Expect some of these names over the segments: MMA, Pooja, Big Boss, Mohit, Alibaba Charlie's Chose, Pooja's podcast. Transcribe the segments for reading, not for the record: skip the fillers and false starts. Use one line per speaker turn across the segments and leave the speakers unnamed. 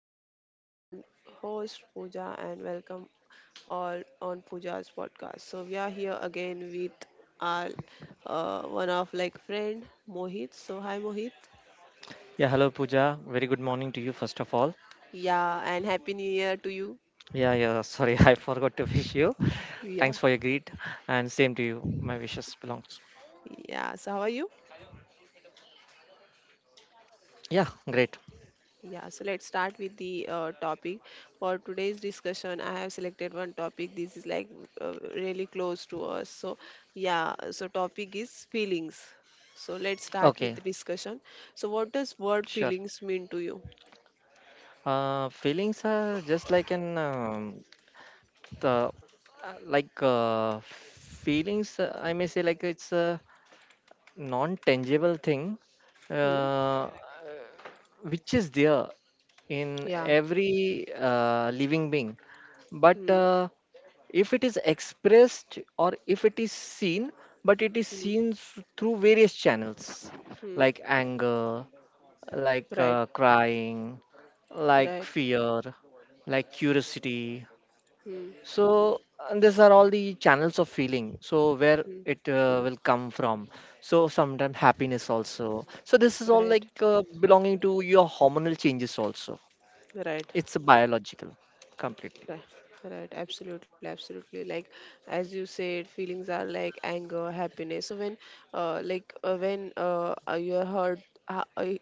I'm your very own host Pooja and welcome all on Pooja's podcast. So we are here again with our one of like friend Mohit. So hi Mohit.
Yeah, hello Pooja. Very good morning to you, first of all.
Yeah, and happy new year to you.
Yeah, sorry, I forgot to wish you.
Yeah.
Thanks for your greet, and same to you. My wishes belongs.
Yeah. So how are you?
Yeah, great.
Yeah, so let's start with the topic for today's discussion. I have selected one topic. This is like really close to us. So yeah, so topic is feelings. So let's
Okay,
start with the discussion. So what does word
sure.
feelings mean to you?
Feelings are just like an the like feelings. I may say like it's a non-tangible thing,
Hmm?
uh, which is there in
Yeah.
every living being, but
Hmm.
if it is expressed or if it is seen, but it is
Hmm.
seen through various channels
Hmm.
like anger, like
Right.
crying, like
Right.
fear, like curiosity.
Hmm.
So, and these are all the channels of feeling. So where
Hmm.
it will come from, so sometimes happiness also. So this is all like
Right.
belonging to your hormonal changes also.
Right.
It's biological, completely.
Right, right, absolutely, absolutely. Like as you said, feelings are like anger, happiness. So when you are heard, uh, uh,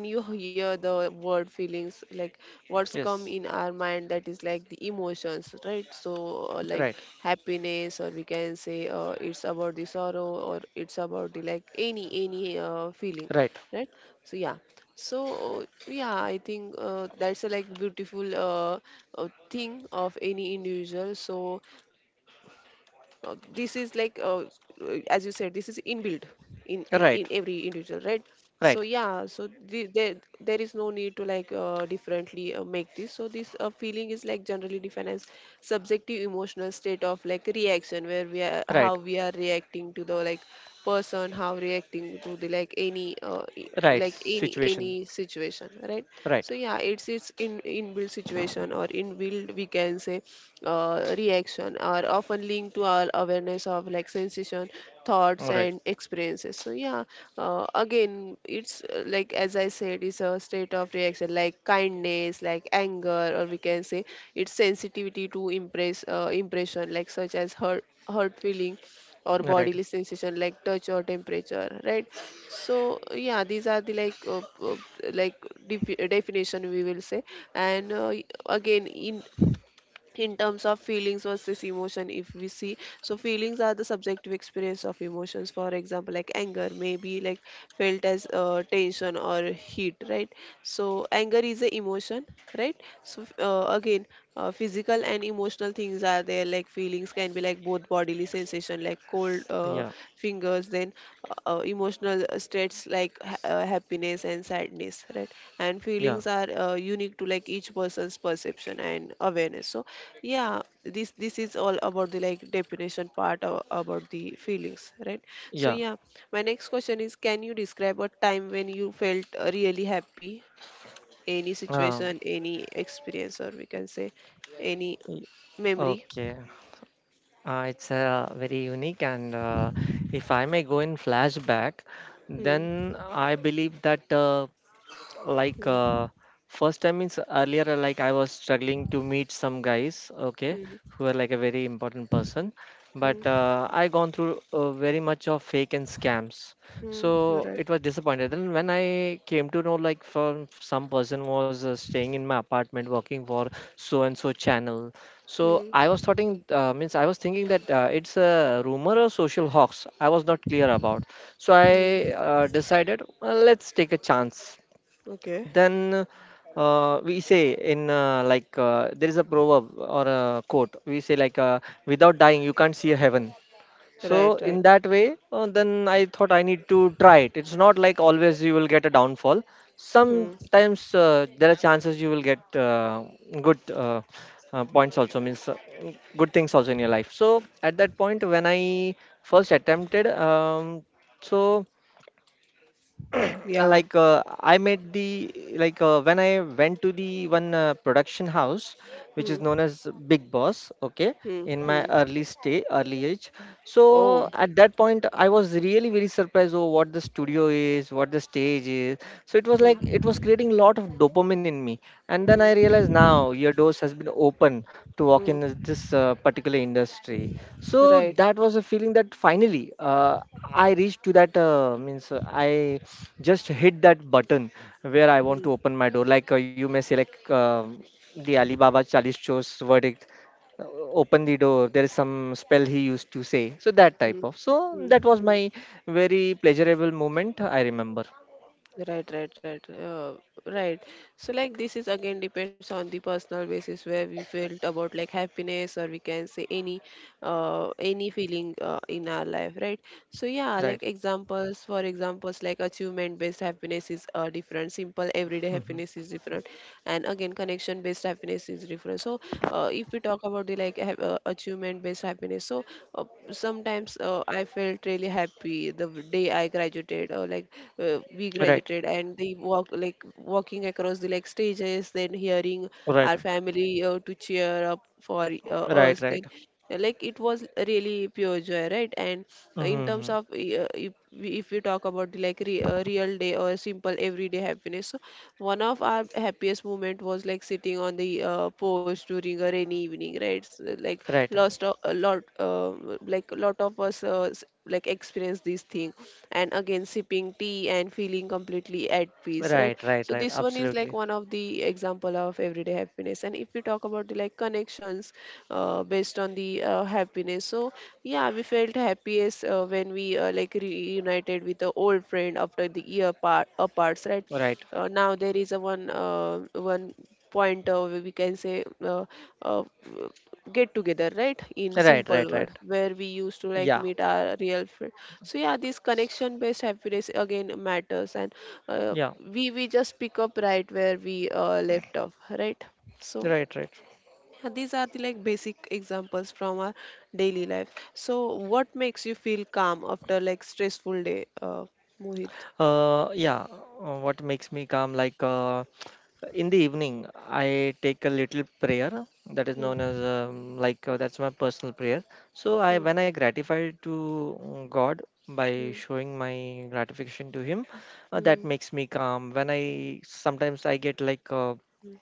when you hear the word feelings, like what's come
Yes.
in our mind that is like the emotions, right? So like
Right.
happiness, or we can say it's about the sorrow, or it's about the like any feeling,
Right,
right? So yeah. So yeah, I think that's a like beautiful thing of any individual. So this is like as you said, this is inbuilt in every
right,
individual, right? So yeah,
right,
so there is no need to like differently make this. So this feeling is like generally defined as subjective emotional state of like reaction, where we are how
right.
we are reacting to the like person, how reacting to the like any e-
Right,
like
situation.
any situation, right?
Right.
So yeah, it's in inbuilt situation or inbuilt we can say reaction are often linked to our awareness of like sensation, thoughts
All right.
and experiences. So yeah, again it's like as I said it's a state of reaction like kindness, like anger, or we can say it's sensitivity to impression like such as hurt feeling or
All right.
bodily sensation like touch or temperature, right? So yeah, these are the like like definition we will say. And again, in terms of feelings versus emotion, if we see, so feelings are the subjective experience of emotions. For example, like anger may be like felt as tension or heat, right? So anger is a emotion, right? So again, physical and emotional things are there. Like feelings can be like both bodily sensation like cold
Yeah,
fingers, then emotional states like happiness and sadness, right? And
yeah,
feelings are unique to like each person's perception and awareness. So yeah, this is all about the like definition part of, about the feelings, right? So
yeah.
yeah, my next question is, can you describe a time when you felt really happy? Any
Um,
situation, any experience, or we can say any
y-
memory?
okay. It's very unique, and if I may go in flashback,
Hmm.
then I believe that like uh,
Hmm.
first time means earlier, like I was struggling to meet some guys, okay,
Hmm.
who are like a very important person, but
Hmm.
I gone through very much of fake and scams,
Hmm.
so
Right.
it was disappointed. Then when I came to know like from some person was staying in my apartment working for so and so channel,
Hmm.
so I
Hmm.
was thinking, means I was thinking that it's a rumor or social hoax, I was not clear about. So I
Hmm.
decided, let's take a chance.
Okay.
Then we say in, there is a proverb or a quote. We say like, without dying you can't see a heaven.
Right,
So
right.
in that way, then I thought I need to try it. It's not like always you will get a downfall.
Hmm.
Sometimes there are chances you will get good points also, means good things also in your life. So at that point when I first attempted, so
Yeah.
I made the, when I went to the one production house which
Hmm.
is known as Big Boss, okay,
Hmm.
in my
Hmm.
early stay, early age.
Oh.
So at that point I was really very surprised over what the studio is, what the stage is. So it was
Hmm.
like it was creating a lot of dopamine in me, and then I
Hmm.
realized now your doors has been open to walk
Hmm.
in this particular industry. So
Right.
that was a feeling that finally I reached to that, means I just hit that button where I want
Hmm.
to open my door. Like you may select the Alibaba Charlie's Chose verdict, uh, open the door. There is some spell he used to say. So that
Hmm.
type of. So
Hmm.
that was
Hmm.
my very pleasurable moment, I remember.
Right, right, right, uh, right. So, like, this is again depends on the personal basis where we felt about like happiness, or we can say any feeling in our life, right? So, yeah,
Right.
like for examples, like achievement-based happiness is different. Simple everyday
Hmm.
happiness is different, and again, connection-based happiness is different. So, if we talk about the like achievement-based happiness, so uh, sometimes I felt really happy the day I graduated, or like we
Right.
graduated and the walk like walking across the like stages, then hearing
Right.
our family to cheer up for
Right.
us.
Right.
Then like it was really pure joy, right? And in
Hmm.
terms of if we talk about the like real day or simple everyday happiness, so one of our happiest moment was like sitting on the porch during a rainy evening, right?
Right.
Lost a lot a lot of us like experience this thing. And again, sipping tea and feeling completely at peace, right?
Right. Right.
So
Right.
this one is like
Absolutely.
one of the example of everyday happiness. And if we talk about the like connections based on the happiness, so yeah, we felt happiest when we like reunited with the old friend after the year part aparts, right?
Right.
Now there is a one one point we can say uh, get together, right, in
Right.
simple
Right.
word,
Right.
where we used to like
Yeah.
meet our real friend. So yeah, this connection based happiness again matters, and uh,
Yeah.
we just pick up right where we left off, right? So
Right. Right.
yeah, these are the like basic examples from our daily life. So, what makes you feel calm after like stressful day, Mohit?
Uh, yeah, what makes me calm? Like in the evening, I take a little prayer that is
Hmm.
known as that's my personal prayer. So I,
Hmm.
when I gratify to God by
Hmm.
showing my gratification to Him, that
Hmm.
makes me calm. When I sometimes I get like
Hmm.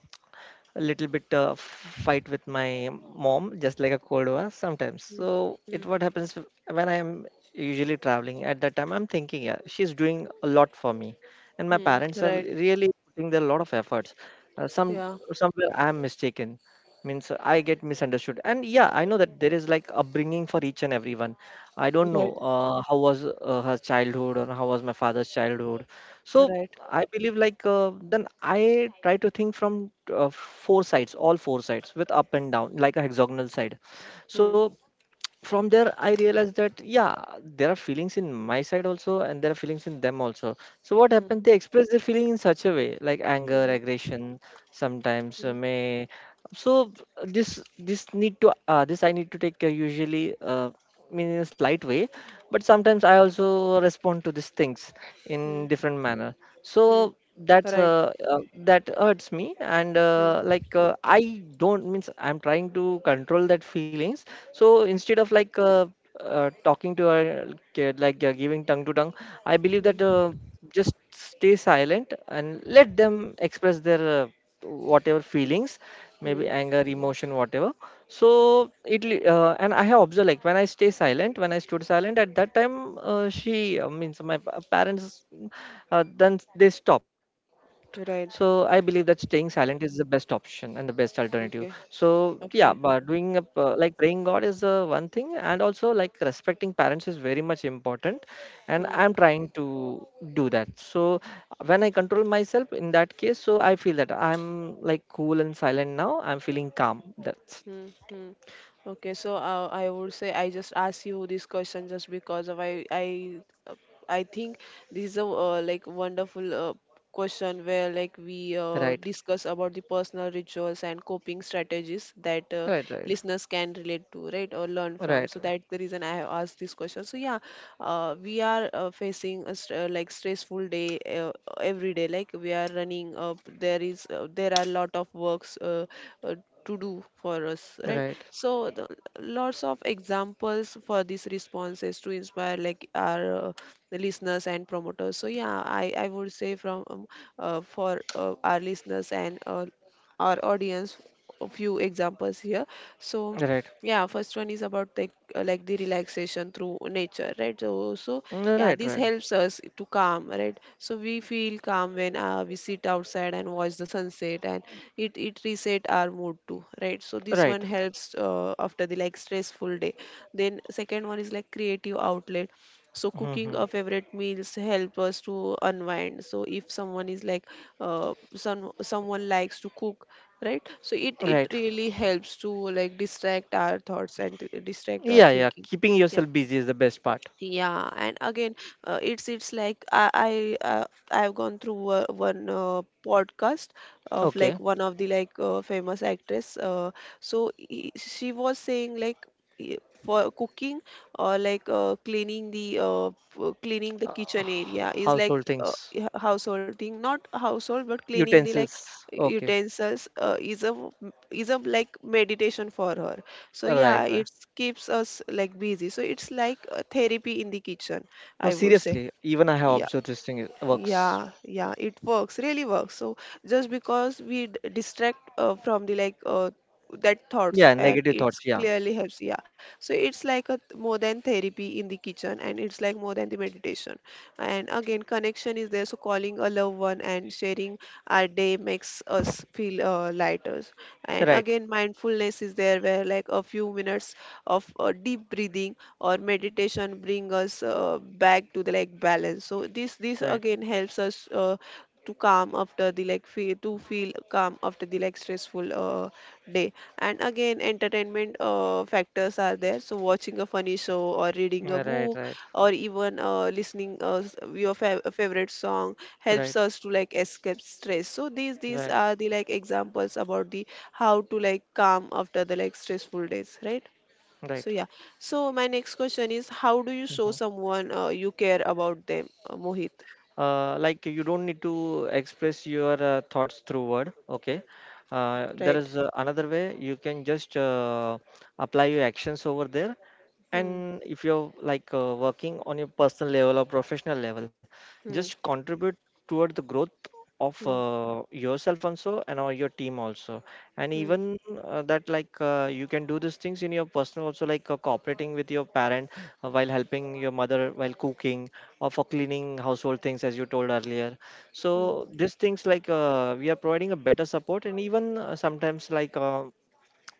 a little bit fight with my mom, just like a cold war sometimes.
Hmm.
So
Hmm.
it, what happens when I'm usually traveling. At that time, I'm thinking, yeah, she's doing a lot for me, and my
Hmm.
parents are
Right.
really putting a lot of efforts. Some,
Yeah.
somewhere I'm mistaken, means I get misunderstood, and yeah, I know that there is like upbringing for each and everyone. I don't know
Right.
how was her childhood or how was my father's childhood. So
Right.
I believe like, then I try to think from four sides, all four sides with up and down, like a hexagonal side.
Hmm.
So from there, I realized that yeah, there are feelings in my side also, and there are feelings in them also. So what
Hmm.
happened? They express their feeling in such a way, like anger,
Hmm.
aggression, sometimes
Hmm.
may. So this need to, this I need to take usually mean in a slight way, but sometimes I
Hmm.
also respond to these things in
Hmm.
different manner. So
Hmm.
that's
Right.
that hurts me, and
Hmm.
I don't, means I'm trying to control that feelings. So instead of like talking to her, giving tongue to tongue, I believe that
Hmm.
just stay silent and let them express their whatever feelings, maybe
Hmm.
anger, emotion, whatever. So and I have observed, like when I stay silent, when I stood silent at that time, she, means my parents, mm, then they stopped. So I believe
Right.
that staying silent is the best option and the best alternative.
Okay.
So yeah, but
Okay.
doing a, like praying God is one thing, and also like respecting parents is very much important, and
Hmm.
I'm trying to do that. So when I control myself in that case, so I feel that I'm like cool and silent, now I'm feeling calm. That's—
Mm-hmm. Okay, so I would say I just ask you this question just because of I think this is a like wonderful question where like we
Right,
discuss about the personal rituals and coping strategies that
right, right,
listeners can relate to, right, or learn from.
right,
So that's the reason I have asked this question. So yeah, we are facing a like stressful day every day. Like we are running up, there are a lot of works. To do for us, right?
right,
So lots of examples for these responses to inspire like our the listeners and promoters. So yeah, I would say from for our listeners and our audience, a few examples here. So
right,
yeah, first one is about like the relaxation through nature, right? So
right,
yeah,
right,
this helps us to calm, right? So we feel calm when we sit outside and watch the sunset, and it reset our mood too, right? So this
right.
one helps after the like stressful day. Then second one is like creative outlet. So cooking
Hmm.
a favorite meals help us to unwind. So if someone is like some someone likes to cook, right? So it
Right.
really helps to like distract our thoughts and distract our
Yeah, yeah.
thinking.
Keeping yourself busy is the best part.
Yeah, and again, it's like I've gone through one podcast of like
Okay.
one of the like famous actress. So she was saying like i- for cooking or like cleaning the cleaning the
Uh,
kitchen area is like
Household things,
householding, not household, but cleaning the like
utensils. Okay.
utensils is a like meditation for her. So yeah,
Right, right.
it keeps us like busy. So it's like a therapy in the kitchen,
No,
I would say.
seriously. Even I have
Yeah.
observed this thing works.
Yeah, yeah, it works, really works. So just because we distract from the like that thoughts,
Yeah,
and
negative
it's
thoughts. Yeah.
clearly helps. Yeah. So it's like a more than therapy in the kitchen, and it's like more than the meditation. And again, connection is there. So calling a loved one and sharing our day makes us feel lighter. And
Right,
again, mindfulness is there where like a few minutes of deep breathing or meditation bring us back to the like balance. So this
right,
again helps us to calm after the like feel to feel calm after the like stressful day. And again, entertainment factors are there. So watching a funny show or reading a
right,
book
right,
or even listening your favorite song helps
right,
us to like escape stress. So these are the like examples about the how to like calm after the like stressful days, right? So
right,
yeah. So my next question is, how do you show
right.
someone you care about them, Mohit?
Like you don't need to express your thoughts through word, okay.
Right.
There is another way. You can just apply your actions over there.
Hmm.
And if you're like working on your personal level or professional level, just
Hmm.
contribute toward the growth of
Hmm.
yourself also, and or your team also. And
Hmm.
even that like you can do these things in your personal also, like cooperating with your parent, while helping your mother while cooking or for cleaning household things, as you told earlier.
Hmm.
So these things like we are providing a better support. And even sometimes like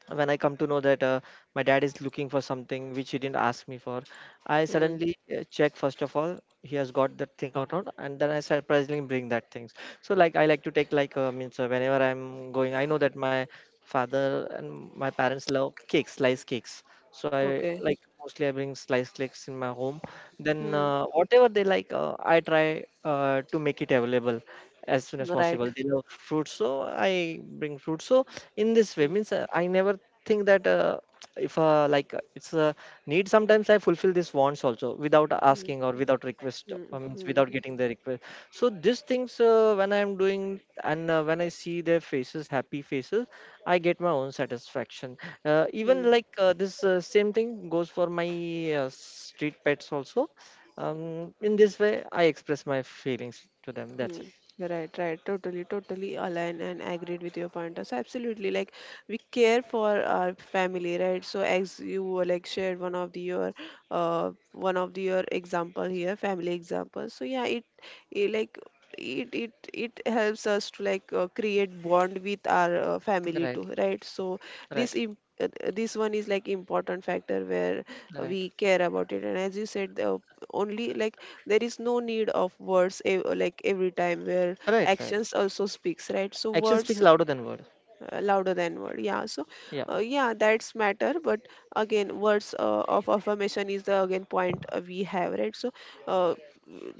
when I come to know that my dad is looking for something which he didn't ask me for, I
Hmm.
suddenly check first of all he has got that thing or not, and then I surprisingly bring that things. So like I like to take like, means whenever I'm going, I know that my father and my parents love cakes, slice cakes. So I
Okay.
like, mostly I bring slice cakes in my home. Then
Hmm.
whatever they like, I try to make it available as soon as
Right.
possible. They love fruits, so I bring fruit. So in this way,
Hmm.
means I never think that if like it's a need. Sometimes I fulfill these wants also without
Hmm.
asking or without request,
Hmm.
means
Hmm.
without getting the request. So these things when I am doing, and when I see their faces, happy faces, I get my own satisfaction.
Hmm.
Even like this same thing goes for my street pets also. In this way, I express my feelings to them. That's
Hmm.
it.
Right, right. Totally, totally aligned and agreed with your pointers. Absolutely. Like we care for our family, right? So as you were like shared one of the your one of the your example here, family example. So yeah, it like it it helps us to like create bond with our family
Right,
too, right? So
right,
this im uh, this one is like important factor where
right,
we care about it. And as you said, the only like there is no need of words like every time where
right, right.
actions also speaks, right? So
Action speaks
words
louder than word.
louder than word, yeah. So
Yeah.
yeah, that's matter. But again, words of affirmation is the again point we have, right? So uh,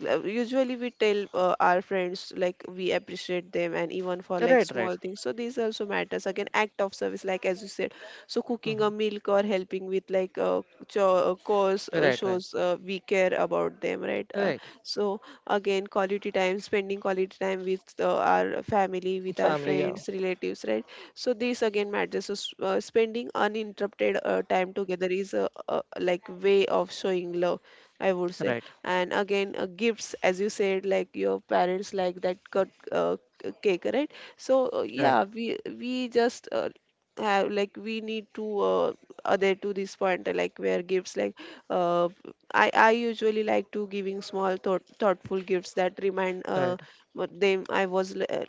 usually we tell our friends like we appreciate them, and even for like
Right, right.
small things, so these also matters. Again, act of service, like as you said, so cooking
Hmm.
a milk or helping with like a cause
Right, right,
shows we care about them, right?
right.
So again, quality time, spending quality time with our family, with our
Family. Yeah.
friends, relatives, right? So this again matters. So spending uninterrupted time together is a like way of showing love, I would say.
Right,
And again, gifts, as you said, like your parents like that cut cake, right? So
right,
yeah, we just have like we need to other to this point like where gifts like uh, I usually like to giving thoughtful gifts that remind
right,
what them I was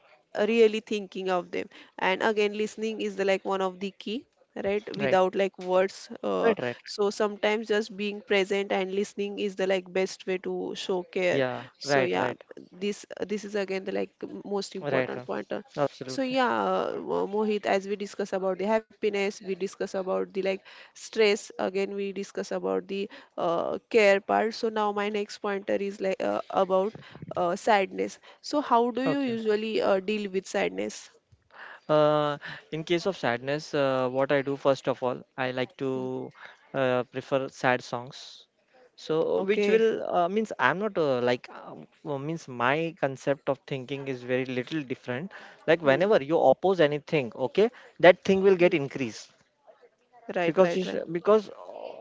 really thinking of them. And again, listening is the, like one of the key, right?
right,
Without like words,
right, right.
so sometimes just being present and listening is the like best way to show care.
Yeah.
So
Right,
yeah,
right,
this is again the like most
right.
important
Right.
pointer. So
Absolutely.
yeah, Mohit, as we discuss about the happiness, we discuss about the like stress, again we discuss about the care part. So now my next pointer is like about sadness. So how do you
Okay.
usually deal with sadness?
Uh, in case of sadness, what I do first of all, I like
Mm.
to prefer sad songs. So, which
Okay.
will means I'm not means my concept of thinking is very little different. Like
Mm,
whenever you oppose anything, okay, that thing will
mm.
get increased
Right, right,
because it's,
right.
because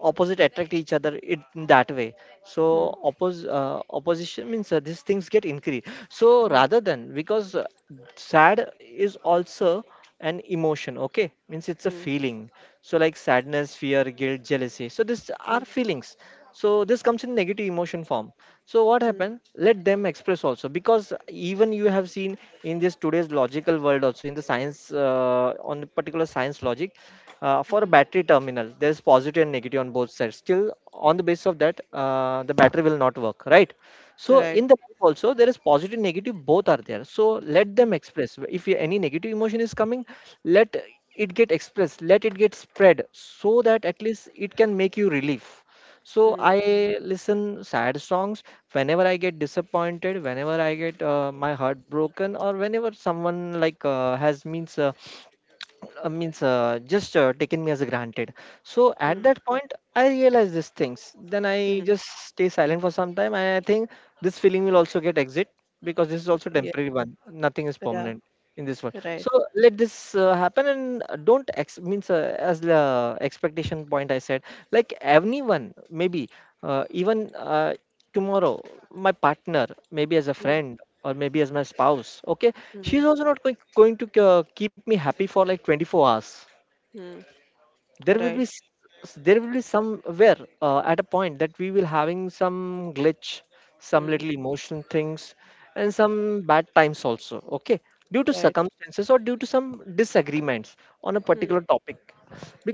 opposite attract each other, it, in that way. So
Mm,
opposition means these things get increased. So
mm,
rather than, because sad is also an emotion, okay, means it's a
mm,
feeling. So like sadness, fear, guilt, jealousy, so these are
mm,
feelings. So this comes in negative emotion form. So what
mm,
happened, let them express also. Because even you have seen in this today's logical world also, in the science, on the particular science logic, for a
mm.
battery terminal, there's positive and negative on both sides. Still, on the basis of that, the battery will not work, right? So
Right.
in the life also, there is positive and negative, both are there. So let
Mm,
them express. If any negative emotion is coming, let it get expressed, let it get spread, so that at least it can make you relief. So
mm,
I listen sad songs whenever I get disappointed, whenever I get my heart broken, or whenever someone like has means means just taken me as a granted. So at
mm,
that point, I realize these things. Then I
mm.
just stay silent for some time, and I think this feeling will also get exit, because this is also
Yeah.
temporary one. Nothing is
Ra.
permanent in this world. So
Right.
let this happen, and don't ex- means as the expectation point I said, like anyone maybe, even tomorrow my partner, maybe as a
Mm,
friend or maybe as my spouse, okay, she's
mm,
also not going to keep me happy for like 24 hours.
mm.
There will be
Right.
there will be somewhere at a point that we will having some glitch, some
Mm,
little emotion things, and some bad times also, okay, due to
right.
circumstances or due to some disagreements on a
Mm,
particular topic.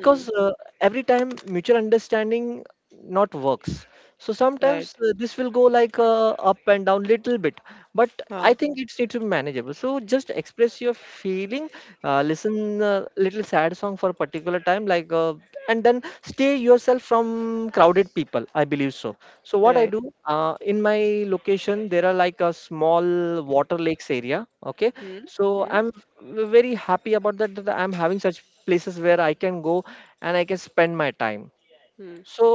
mm.
every time mutual understanding not works, so
Right.
sometimes this will go like up and down little bit. But I
Huh.
think it needs to be manageable. So just express your feeling, listen a little sad song for a particular time, like and then stay yourself from crowded people, I believe so. So what I
Right.
do, in my location there are like a small water lakes area, okay,
Mm,
so
mm,
I'm very happy about that, I'm having such places where I can go and I can spend my time.
mm.
So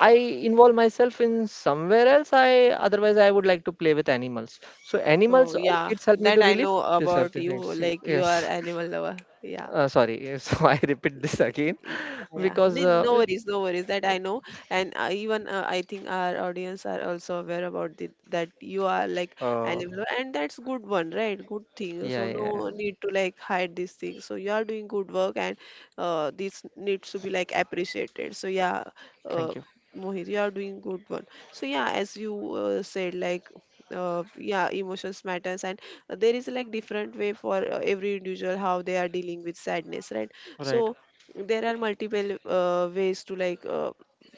I involve myself in somewhere else. I otherwise I would like to play with animals. So animals
Oh
or
yeah,
kids help me to
that I
relieve.
know
These are
about
the
you.
things.
Like you are
Yes.
animal lover. Yeah.
Sorry, so I repeat this
Y-
again.
Yeah,
Because
No worries, no worries. That I know. And even I think our audience are also aware about the, that you are like an
uh,
animal, and that's good one, right? Good thing.
yeah,
So
yeah, yeah.
no need to like hide these things. So you are doing good work, and this needs to be like appreciated. So yeah, uh,
Thank you.
Mohit, you are doing good one. So yeah, as you said, like yeah, emotions matters, and there is like different way for every individual how they are dealing with sadness, right?
Right,
So there are multiple ways to like uh,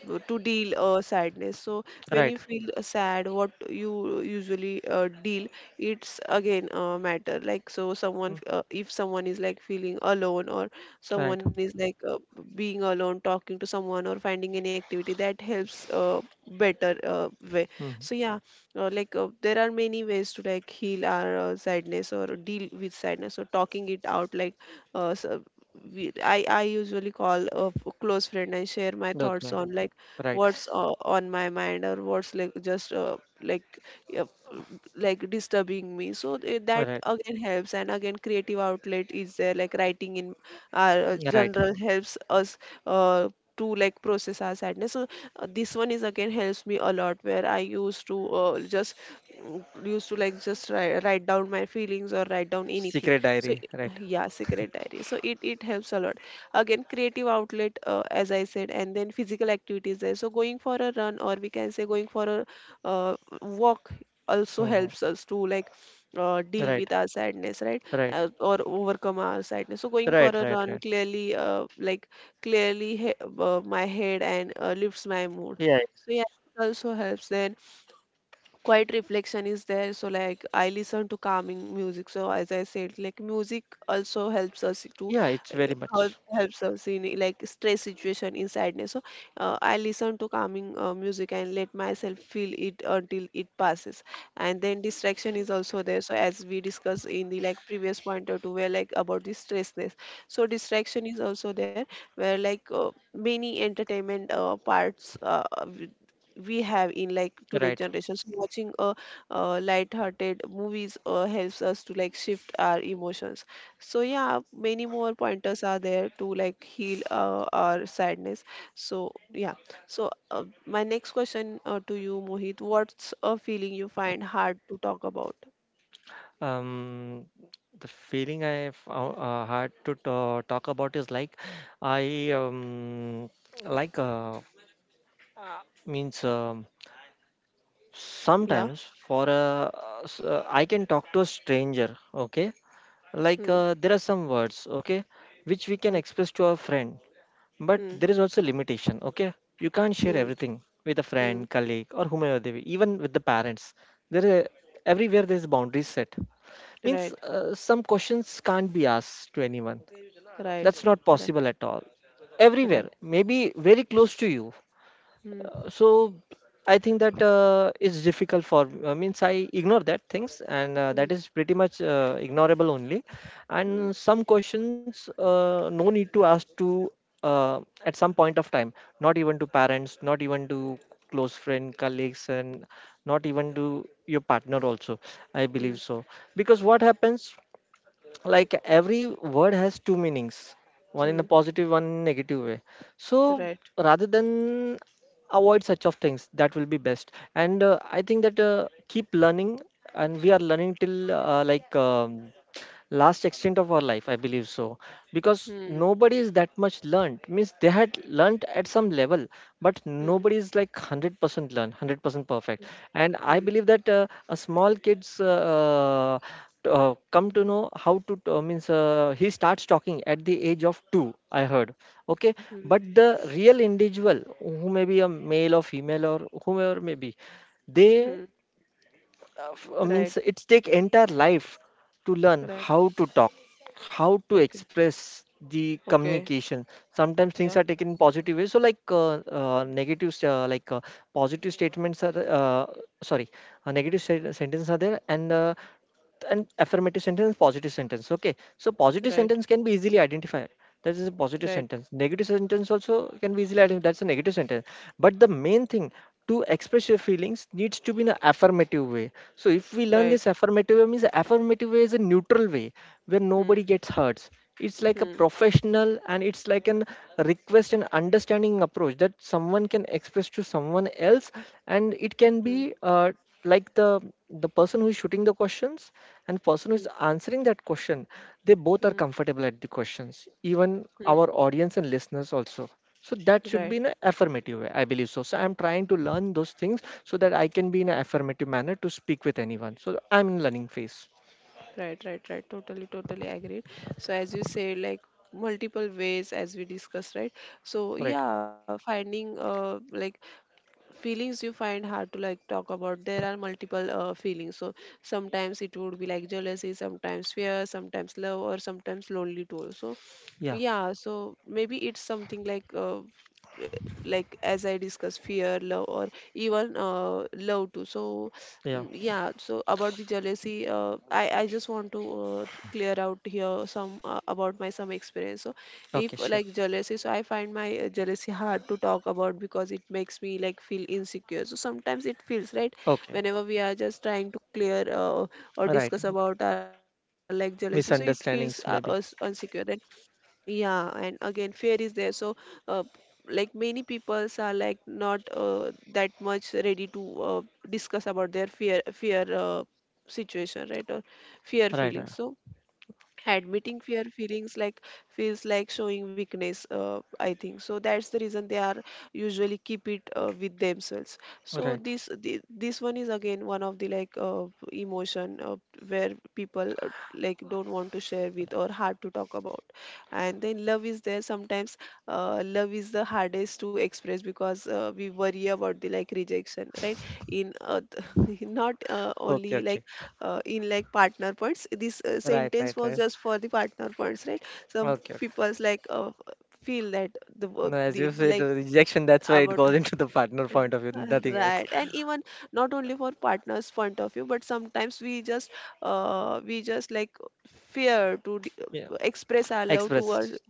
w- to deal sadness. So when you
right.
feel sad, what you usually deal, it's again matter. Like so someone
Mm,
if someone is like feeling alone or someone
right.
is like being alone, talking to someone or finding any activity that helps better way.
Mm.
So yeah, like there are many ways to like heal our sadness or deal with sadness. So talking it out, like uh, s- I usually call a close friend and share my thoughts
Okay,
on like
right,
what's on my mind or what's like just uh, like disturbing me. So that
right,
again helps. And again, creative outlet is there, like writing in our
right.
general helps us uh, to like process our sadness. So this one is again helps me a lot, where I used to just mm, used to like just write down my feelings or write down anything.
Secret
So
diary, right.
yeah, secret diary, so it helps a lot. Again, creative outlet, as I said. And then physical activities there, so going for a run, or we can say going for a uh, walk, also
Hmm.
helps us to like deal
Right,
with our sadness, right?
right,
Or overcome our sadness. So going for
right,
a
right,
run
right.
clearly like my head and lifts my mood.
Yeah,
So yeah, it also helps. Then quiet reflection is there, so like I listen to calming music. So as I said, like music also helps us to
yeah, it's
uh,
very much
helps us in like stress situation, in sadness. So I listen to calming music and let myself feel it until it passes. And then distraction is also there, so as we discussed in the like previous point or two, where like about the stressness. So distraction is also there, where like many entertainment parts we have in like today's
right.
generation. So watching a light-hearted movies helps us to like shift our emotions. So yeah, many more pointers are there to like heal our sadness. So yeah. So my next question to you, Mohit, what's a feeling you find hard to talk about?
Um, the feeling I found, uh, had to talk about is like, I like means
Yeah.
sometimes for a I can talk to a stranger, okay.
Hmm.
Like there are some words, okay, which we can
Hmm.
express to our friend. But
Hmm.
there is also limitation, okay. You can't share
Hmm.
everything with a
Hmm.
friend, colleague, or whomever they be, even with the parents. There are, everywhere there's boundaries set. Means
Right.
some questions can't be asked to anyone.
Right.
That's not
Right.
possible at all. Everywhere,
Right.
maybe very close to you.
Hmm.
So I think that is difficult for, means I ignore that things, and that
Hmm.
is pretty much ignorable only.
Hmm.
And some questions, no need to ask to, uh, at some point of time. Not even to parents, not even to close friend, colleagues, and not even to your partner also, I believe
Hmm.
so. Because what happens, like every word has two meanings, one in a
Hmm.
positive, one in a negative way. So
Right.
rather than avoid such of things, that will be best. And I think that keep learning. And we are learning till last extent of our life, I believe so. Because
Hmm.
nobody is that much learned. Means they had learned at some level, but
Hmm.
nobody is like 100% learned, 100% perfect. And I
Hmm.
believe that a small kids come to know how to t- means he starts talking at the age of 2, I heard, okay.
Hmm.
But the real individual, who may be a male or female or whomever may be, they
Hmm. Right.
means it's take entire life to learn
Right.
how to talk, how to
Okay.
express, the
Okay.
communication. Sometimes things are
Yeah.
taken in positive ways. So like negative, positive statements are sorry, negative sentences are there, and affirmative sentence, positive sentence, okay. So positive
Right.
sentence can be easily identified, that is a positive
Right.
sentence. Negative sentence also can be easily identified, that's a negative sentence. But the main thing, to express your feelings, needs to be in an affirmative way. So if we learn this
Right.
affirmative way, means affirmative way is a neutral way where nobody
Hmm.
gets hurt. It's like a
Hmm.
professional, and it's like an request and understanding approach that someone can express to someone else. And it can
Hmm.
be like the person who is shooting the questions and person who
Hmm.
is answering that question, they both are
Hmm.
comfortable at the questions, even
Hmm.
our audience and listeners also. So that should
Right.
be in an affirmative way, I believe so. So I'm trying to learn those things so that I can be in an affirmative manner to speak with anyone. So I'm in learning phase.
Right. Right. Right. Totally. Totally agreed. So as you said, like multiple ways as we discussed, right? So
Right,
yeah, finding like feelings you find hard to like talk about, there are multiple feelings. So sometimes it would be like jealousy, sometimes fear, sometimes love, or sometimes lonely too. So
yeah,
yeah, so maybe it's something uh, like as I discussed, fear, love, or even love too. So
yeah.
mm, yeah. So about the jealousy, I just want to clear out here some about my some experience. So,
Okay,
if
sure.
like jealousy, so I find my jealousy hard to talk about because it makes me like feel insecure. So sometimes it feels right
Okay,
whenever we are just trying to clear or
right.
discuss about our like jealousy, so it feels us
Misunderstandings maybe.
insecure then. Yeah. And again, fear is there. So uh, like many peoples are like not that much ready to discuss about their fear situation, right? Or fear
Right, right,
feelings. So admitting fear feelings like feels like showing weakness, I think. So that's the reason they are usually keep it with themselves.
right.
So this one is again one of the like emotion where people like don't want to share with or hard to talk about. And then love is there. Sometimes love is the hardest to express, because we worry about the like rejection, right? In not
Okay,
only like
okay,
in like partner points, this
right,
sentence
right,
was
right.
just for the partner points, right? Some
Okay.
people's like feel that the verb
No, as
the
you said,
like
rejection, that's why it
about,
goes into the partner
yeah.
point of view, nothing else.
Right. And even not only for partners point of view, but sometimes we just like fear to
Yeah.
express our love towards
Expressed.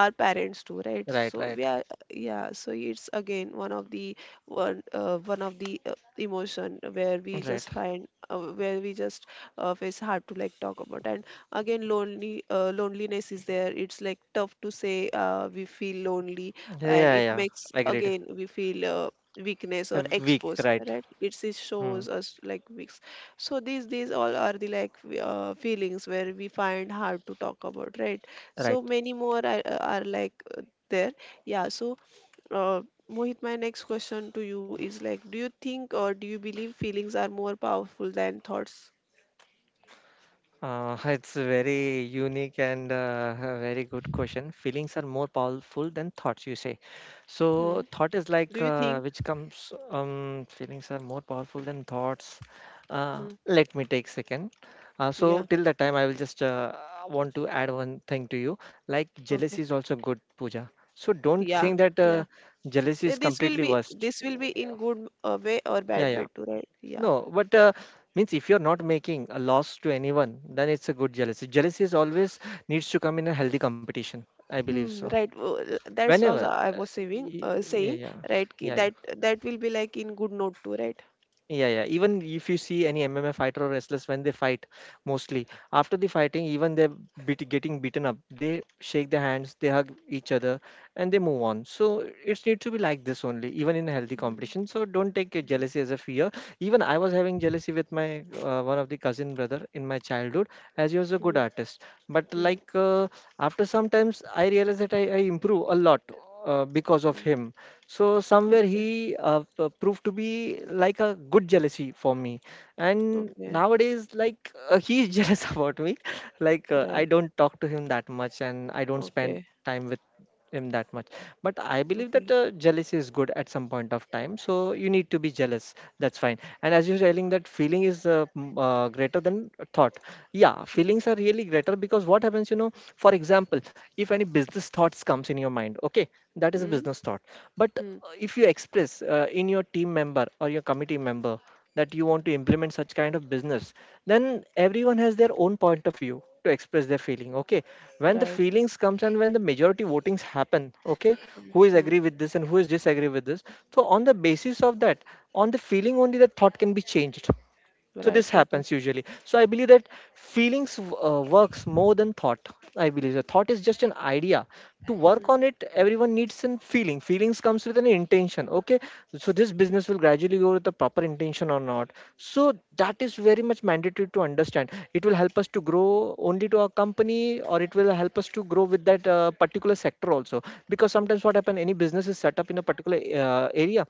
our parents do, right?
Right,
So we
right,
are, yeah, so it's again one of the one of the emotion where we
right.
just find where we just it's hard to like talk about. And again, lonely, loneliness is there. It's like tough to say we feel lonely,
Yeah,
and
yeah,
it
yeah.
makes
Agreed.
again we feel weakness or
Weak,
expose,
right.
right? It
Hmm.
shows us like weeks. So these all are the like feelings where we find hard to talk about, right? So
Right.
many more are like there. Yeah. So uh, Mohit, my next question to you is like, do you think or do you believe feelings are more powerful than thoughts?
It's very unique and very good question. Feelings are more powerful than thoughts, you say.
Hmm.
So thought is
Do you
like
think?
which comes. Feelings are more powerful than thoughts.
Hmm.
Let me take second. So
Yeah.
till that time, I will just want to add one thing to you. Like jealousy
Okay.
is also good, Pooja. So don't
Yeah.
think that
Yeah.
jealousy is
This will
completely
be,
worst.
this will be in good way or
Yeah,
bad
yeah.
way too, right? Yeah.
No, but means if you're not making a loss to anyone, then it's a good jealousy. Jealousy is always needs to come in a healthy competition, I believe so.
Hmm, right. Well, that's
Whenever.
what I was saying,
Yeah, yeah,
right? Ki
yeah, yeah.
that that will be like in good note too, right?
Yeah, yeah. Even if you see any MMA fighter or wrestlers when they fight, mostly after the fighting, even they're beat, getting beaten up, they shake their hands, they hug each other, and they move on. So it needs to be like this only, even in a healthy
Mm,
competition. So don't take it
mm,
jealousy as a fear. Even I was having jealousy with my one of the cousin brother in my childhood, as he was a good
mm,
artist. But
mm,
like after sometimes, I realized that I improve a lot because
mm.
of him. So somewhere
Okay,
he proved to be like a good jealousy for me. And
okay,
nowadays, like he's jealous about me. Like
right.
I don't talk to him that much, and I don't spend
Okay.
time with him that much. But I believe
Okay.
that jealousy is good at some point of time. So you need to be jealous. That's fine. And as you're telling that feeling is greater than thought. Yeah, feelings
Hmm.
are really greater, because what happens, you know, for example, if any business thoughts comes in your mind, okay, that is a
Hmm.
business thought. But
Hmm.
if you express in your team member or your committee member that you want to implement such kind of business, then everyone has their own point of view to express their feeling. Okay, when the
Right.
feelings comes and when the majority votings happen, okay,
Hmm.
who is
Hmm.
agree with this and who is disagree with this? So on the basis of that, on the feeling only, the thought can be changed. So
Right.
this
Total.
happens usually. So I believe that feelings works more than thought. I believe the thought is just an idea. To
Hmm.
work on it, everyone needs an feeling. Feelings comes with an intention, okay. So this business will gradually go with the proper intention or not. So that is very much mandatory to understand, it will help us to grow only to our company, or it will help us to grow with that particular sector also. Because sometimes what happen, any business is set up in a particular area.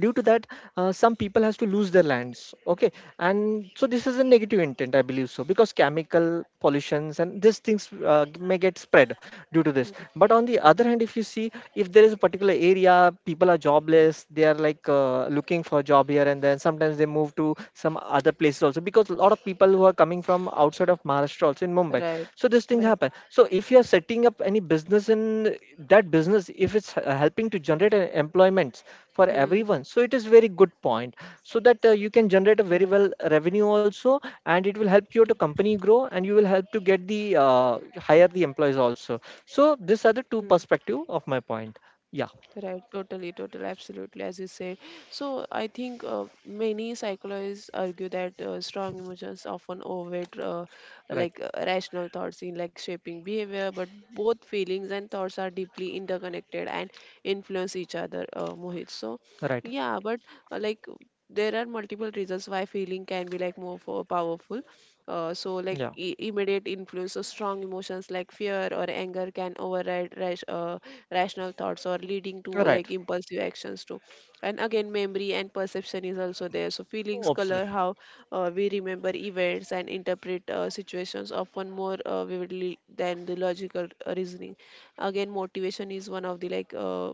Due to that, some people has to lose their lands, okay, and so this is a negative intent, I believe so, because chemical pollutions and these things uh, may get spread due to this.
Hmm.
But on the other
Hmm.
hand, if you see, if there is a particular area, people are jobless, they are like looking for a job here, and then sometimes they move to some other places also, because a lot of people who are coming from outside of Maharashtra also in Mumbai.
Right.
So this thing
Right.
happen. So if you are setting up any business in that business, if it's helping to generate an employment
Hmm.
for everyone, so it is very good point. So that you can generate a
Right.
very well revenue also, and it will help
Hmm.
your to company grow, and you will help to get the hire the employees also. So these are the
Hmm.
two perspective of my point. Yeah.
Right, totally, totally, absolutely, as you said. So I think many psychologists argue that strong emotions often overweight
Right,
like rational thoughts in like shaping behavior. But both feelings and thoughts are deeply interconnected and influence each other, Mohit. So
right,
yeah, but like there are multiple reasons why feeling can be like powerful. So like
yeah,
immediate influence of strong emotions like fear or anger can override rational thoughts or leading to
right,
like impulsive actions too. And again, memory and perception is also there, so feelings color
absolutely,
how we remember events and interpret situations often more vividly than the logical reasoning. Again, motivation is one of the like uh,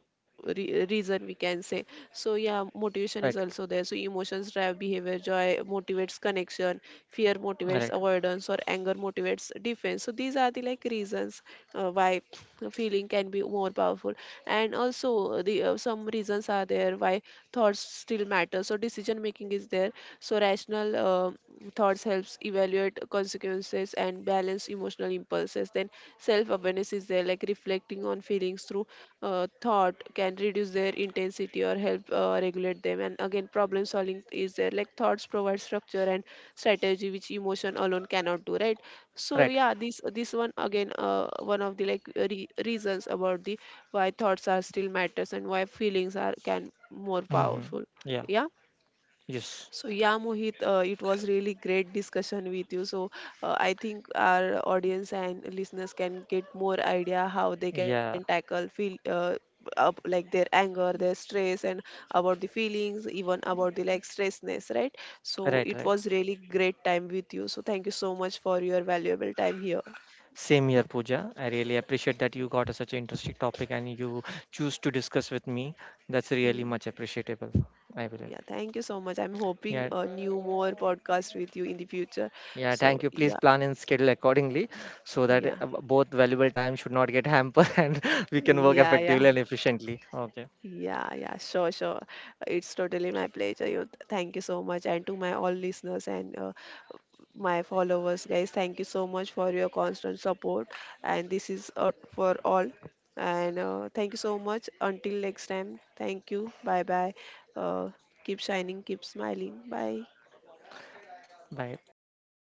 re- reason we can say. So yeah, motivation
right,
is also there, so emotions drive behavior. Joy motivates connection, fear motivates
right,
avoidance, or anger motivates defense. So these are the like reasons why feeling can be more powerful. And also the some reasons are there why thoughts still matter. So decision making is there, so rational thoughts helps evaluate consequences and balance emotional impulses. Then self awareness is there, like reflecting on feelings through thought can reduce their intensity or help regulate them. And again, problem solving is there, like thoughts provide structure and strategy which emotion alone cannot do, right? So
right.
yeah, this one again, one of the like re reasons about the why thoughts are still matters and why feelings are can more
Hmm.
powerful.
Yeah.
Yeah.
Yes.
So yeah, Mohit, it was really great discussion with you. So I think our audience and listeners can get more idea how they can
Yeah.
tackle feel up like their anger, their stress, and about the feelings, even about the like stressness, right? So
Right,
it
right.
was really great time with you. So thank you so much for your valuable time here.
Same here, Pooja. I really appreciate that you got such an interesting topic and you choose to discuss with me. That's really
Hmm.
much appreciable, I believe.
Yeah, thank you so much. I'm hoping
Yeah,
a new more podcast with you in the future.
yeah,
So
thank you. Please
yeah,
plan and schedule accordingly so that
yeah,
both valuable time should not get hampered and we can work
yeah, yeah,
effectively and efficiently. Okay,
yeah, yeah. Sure, sure. It's totally my pleasure. You, thank you so much, and to my all listeners and my followers, guys. Thank you so much for your constant support. And this is for all. And thank you so much. Until next time. Thank you. Bye bye. Uh, Keep shining. Keep smiling. Bye.
bye. Thanks.